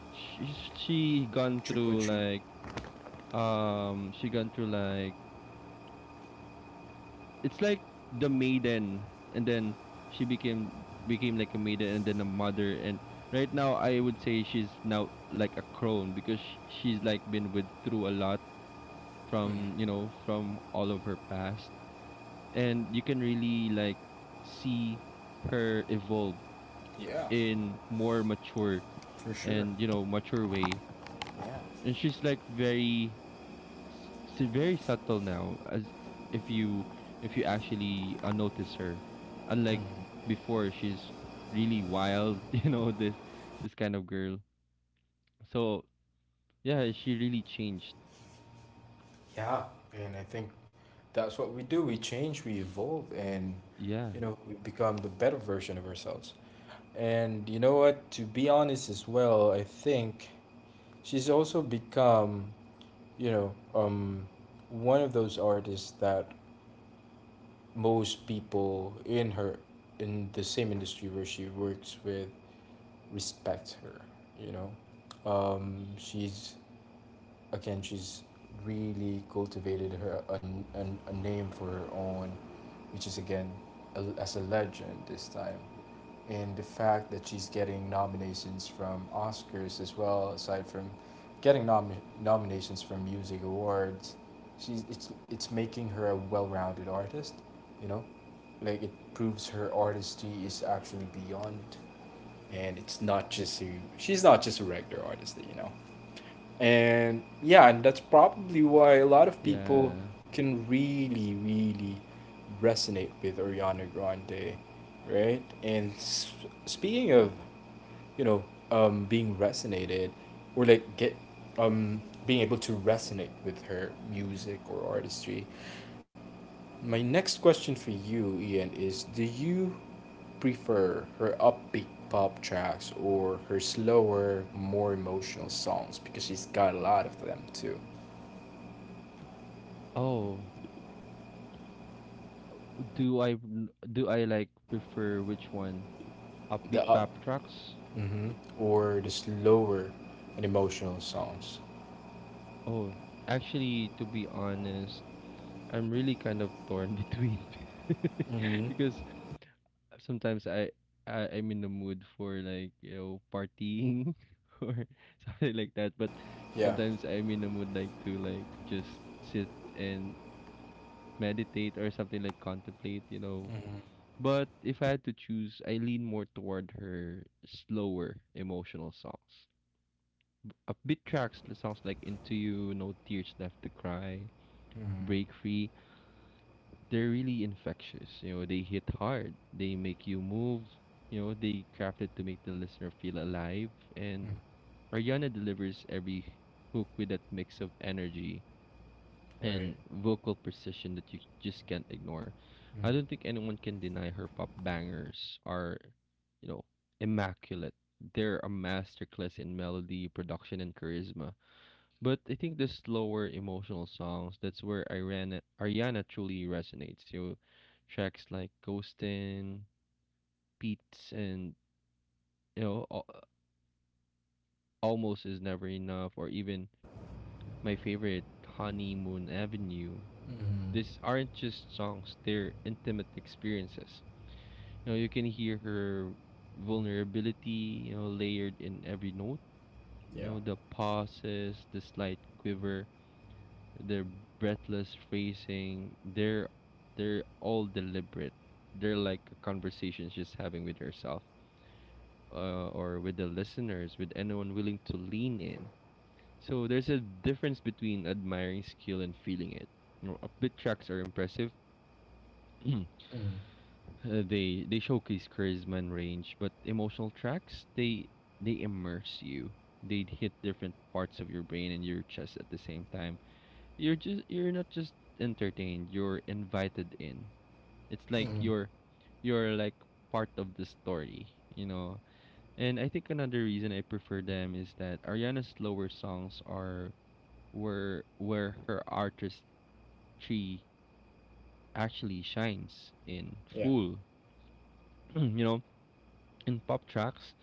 She gone Triple through treat. like, she gone through like, it's like the maiden, and then she became like a maiden and then a mother. And right now I would say she's now like a crone, because she's like been with through a lot from, you know, from all of her past. And you can really like see her evolve Yeah, in more mature, for sure. and you know, mature way. Yeah, And she's like very s- very subtle now, as if you if you actually, notice her. Unlike before, she's really wild. you know, this kind of girl, so yeah, she really changed. yeah. And I think that's what we do. We change, we evolve, and Yeah, you know, we become the better version of ourselves. And you know what? To be honest, as well, I think she's also become, you know, one of those artists that most people in her, in the same industry where she works with, respect her. You know, she's again, she's really cultivated a name for her own, which is again as a legend this time. And the fact that she's getting nominations from Oscars as well, aside from getting nom- nominations from music awards, she's it's making her a well-rounded artist, you know, like it proves her artistry is actually beyond, and it's not just a she's not just a regular artist, you know. And yeah, and that's probably why a lot of people yeah. can really, really resonate with Ariana Grande, right? And speaking of, you know, being resonated, or like get um, being able to resonate with her music or artistry, my next question for you, Ian, is do you prefer her upbeat pop tracks or her slower, more emotional songs? Because she's got a lot of them too. Oh, do I do I like, prefer which one, upbeat The pop up, tracks? mm-hmm, or the slower and emotional songs. Oh, actually, to be honest, I'm really kind of torn between. Mm-hmm. because sometimes I'm in the mood for like, partying, or something like that, but Yeah. sometimes I'm in the mood like to like just sit and meditate or something, like contemplate. But if I had to choose, I lean more toward her slower emotional songs. Upbeat tracks, the songs like "Into You," "No Tears Left to Cry," Mm-hmm. "Break Free," they're really infectious. You know, they hit hard. They make you move. You know, they crafted to make the listener feel alive. And Mm. Ariana delivers every hook with that mix of energy Right. and vocal precision that you just can't ignore. I Mm-hmm. don't think anyone can deny her pop bangers are, you know, immaculate. They're a masterclass in melody, production, and charisma, but I think the slower emotional songs, that's where Ariana truly resonates. You know, tracks like Ghostin', Beats, and you know, Al- Almost Is Never Enough, or even my favorite Honeymoon Avenue. These aren't just songs, they're intimate experiences. You know, you can hear her vulnerability, you know, layered in every note. You Yeah. know, the pauses, the slight quiver, their breathless phrasing, they're all deliberate. They're like a conversation just having with yourself, or with the listeners, with anyone willing to lean in. So there's a difference between admiring skill and feeling it. You know, upbeat tracks are impressive. Mm-hmm. They showcase charisma and range, but emotional tracks they immerse you. They hit different parts of your brain and your chest at the same time. You're just you're not just entertained, you're invited in. It's like you're part of the story, you know. And I think another reason I prefer them is that Ariana's slower songs are where her artistry actually shines in Yeah. full. You know, in pop tracks,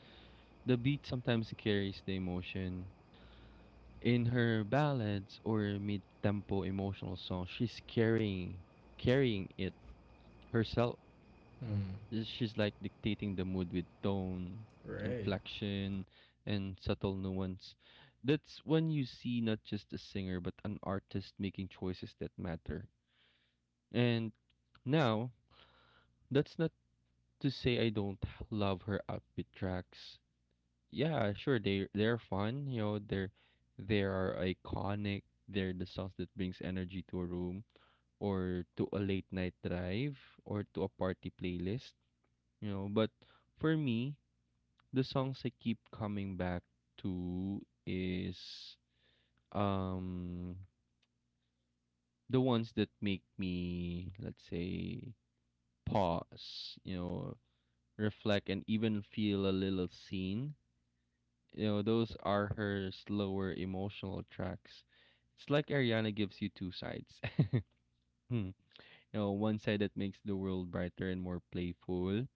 the beat sometimes carries the emotion. In her ballads or mid-tempo emotional songs, she's carrying it herself. Mm. She's like dictating the mood with tone, Right. inflection, and subtle nuance. That's when you see not just a singer but an artist making choices that matter. And now, that's not to say I don't love her upbeat tracks. Yeah, sure, they're fun, you know, they are iconic. They're the songs that brings energy to a room or to a late night drive or to a party playlist, you know, but for me, the songs I keep coming back to is um the ones that make me, let's say, pause, you know, reflect and even feel a little seen. You know, those are her slower emotional tracks. It's like Ariana gives you two sides. You know, one side that makes the world brighter and more playful,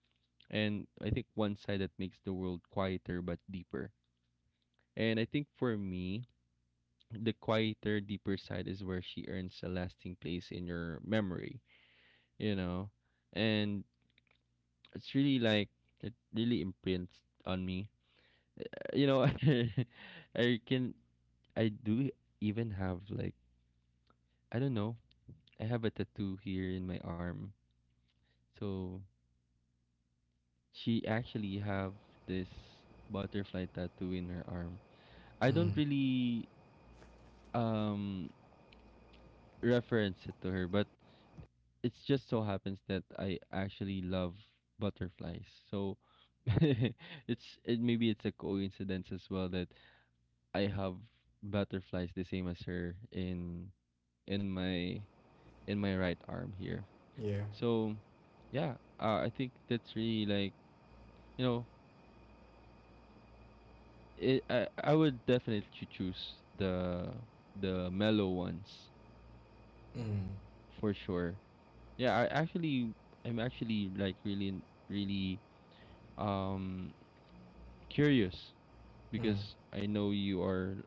and I think one side that makes the world quieter but deeper. And I think for me, the quieter, deeper side is where she earns a lasting place in your memory, you know? And it's really like, it really imprints on me. You know, I can, I do even have like, I don't know, I have a tattoo here in my arm. So she actually have this butterfly tattoo in her arm. I don't Mm. really um reference it to her, but it just so happens that I actually love butterflies. So it's it maybe it's a coincidence as well that I have butterflies the same as her in in my my right arm here. Yeah. So yeah, I think that's really like, you know, I would definitely choose the mellow ones Mm-hmm. for sure. Yeah, I'm actually like really um curious because I know you are,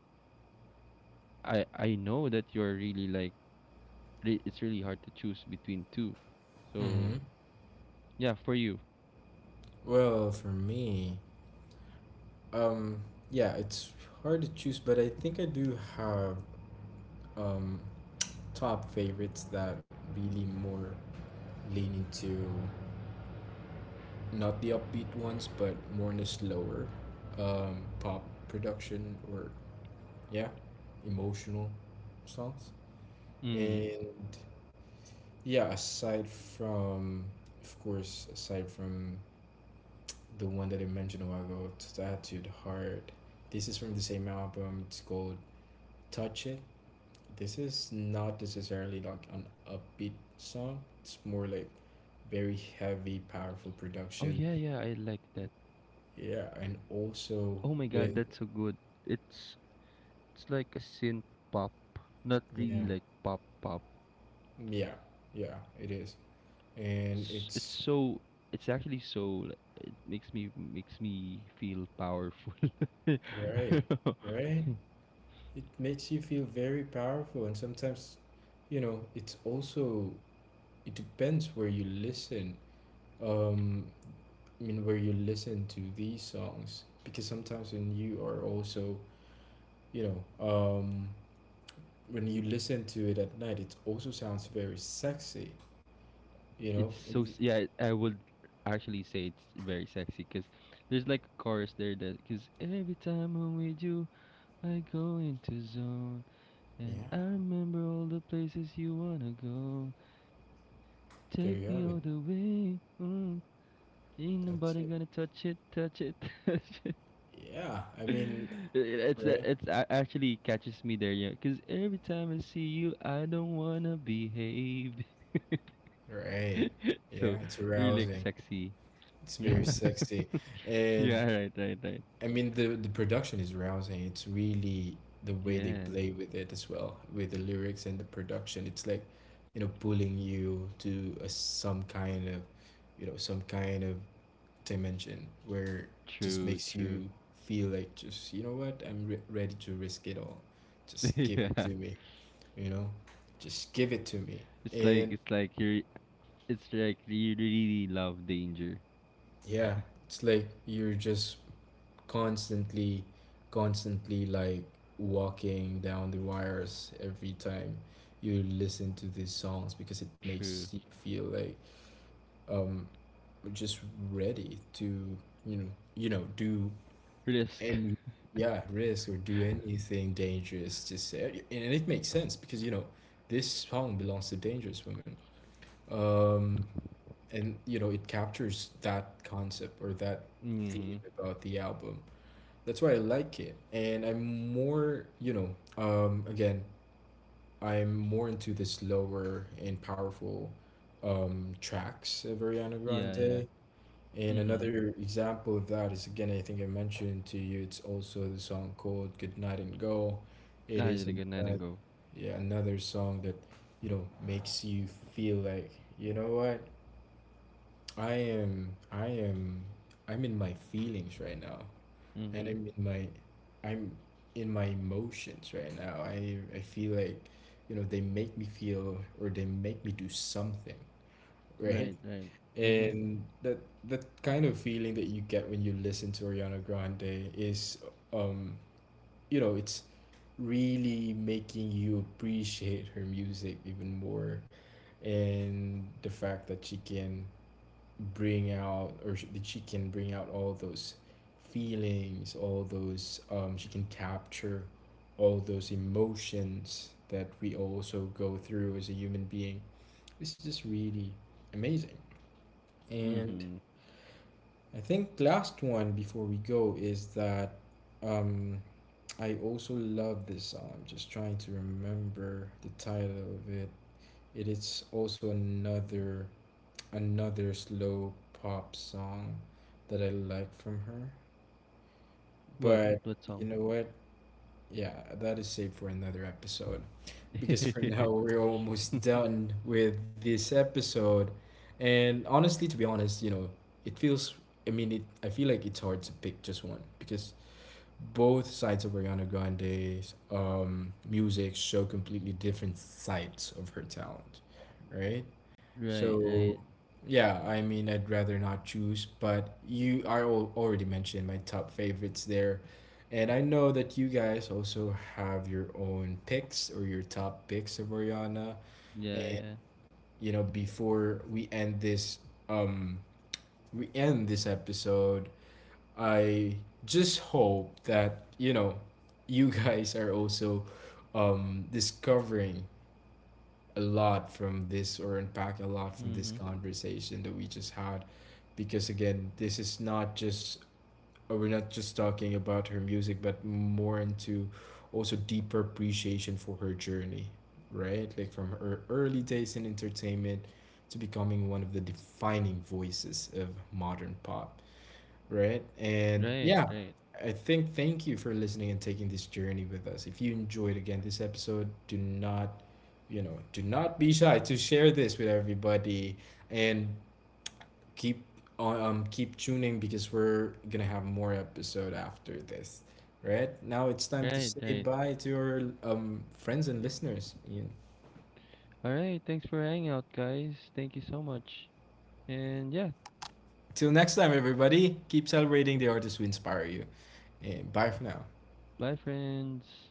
I know that you're really like it's really hard to choose between two. Mm-hmm. So, yeah, for you. Well, for me, Um, yeah, it's hard to choose, but I think I do have um top favorites that really more lean into not the upbeat ones, but more in the slower pop production, or yeah, emotional songs. Mm. And yeah, aside from, of course, aside from the one that I mentioned a while ago, Tattooed Heart. This is from the same album. It's called Touch It. This is not necessarily like an upbeat song. It's more like very heavy, powerful Oh production. yeah, yeah, I like that. Yeah, and also Oh my with god, that's so good. It's like a synth pop, not yeah, really like pop pop. yeah, yeah, it is. And It's, it's it's so, it's actually so like, it makes me feel powerful. right, right? It makes you feel very powerful and sometimes, you know, it's also it depends where you listen. Um I mean where you listen to these songs, because sometimes when you are also, you know, when you listen to it at night, it also sounds very sexy, you know? It's so yeah, I would actually say it's very sexy because there's like a chorus there that, because every time I'm with you I go into zone Yeah, and I remember all the places you wanna go, take me there all you the have it. way, mm, ain't nobody That's gonna it. touch it, touch it, touch it, Yeah, I mean, it's right? Actually catches me there, yeah, because every time I see you I don't wanna behave. Right. Yeah, So it's really like arousing. sexy. It's very sexy. And Yeah, right, right, right. I mean the production is rousing. It's really the way they Yeah, play with it as well, with the lyrics and the production. It's like, you know, pulling you to some kind of, you know, some kind of dimension where just true, makes you true. feel like, just you know what, ready to risk it all. Just give it to Yeah, me, you know, just give it to me. it's like And it's like you really love danger. yeah, it's like you're just constantly, like walking down the wires every time you listen to these songs, because it makes True. you feel like, um we're just ready to, you know, do. Risk. And yeah, risk or do anything dangerous. To say, and it makes sense because, you know, this song belongs to Dangerous Women, um, and you know it captures that concept or that theme Mhm. about the album. That's why I like it, and I'm more, you know, again, I'm more into the slower and powerful tracks of Ariana Yeah, yeah. Grande. And Mhm. another example of that is, again, I think I mentioned to you, it's also the song called "Good Night and Go." It Ah, is you good night ago. yeah, another song that, you know, makes you feel like, you know what? I am I am I'm in my feelings right now. Go. And Mhm. I'm in my, I'm in my emotions right now. I feel like, you know, they make me feel, or they make me do something, right? Right, right. Mhm. And that, that kind of feeling that you get when you listen to Ariana Grande is, um you know, it's really making you appreciate her music even more, and the fact that she can bring out, that she can bring out all those feelings, all those, she can capture all those emotions that we also go through as a human being, it's just really amazing. And Mhm. I think last one before we go is that, um, I also love this song. I'm just trying to remember the title of it. It is also another slow pop song that I like from her. What? But What you song? know what? Yeah, that is saved for another episode. Because for now, Right, we're almost done with this episode. And honestly, to be honest, you know, it feels, I mean, it, I feel like it's hard to pick just one, because both sides of Ariana Grande's music show completely different sides of her talent, right? right. So, yeah, I mean, I'd rather not choose, but you, already mentioned my top favorites there. And I know that you guys also have your own picks, or your top picks of Oriana. Yeah, yeah. You know, before um, we end this episode, I just hope that, you know, you guys are also, discovering a lot from this, or unpack a lot from this Mhm. conversation that we just had, because, again, this is not just, we're not just talking about her music, but more into also deeper appreciation for her journey, right, like from her early days in entertainment to becoming one of the defining voices of modern pop, right? And Right, yeah, right, I think thank you for listening and taking this journey with us. If you enjoyed, again, this episode, do not, you know, do not be shy to share this with everybody, and keep on, keep tuning, because we're gonna have more episode after this. Right? Now it's time to right, say right. bye to your friends and listeners. Yeah. All right. Thanks for hanging out, guys. Thank you so much. And yeah, Till next time everybody, keep celebrating the artists who inspire you. And bye for now. bye, friends.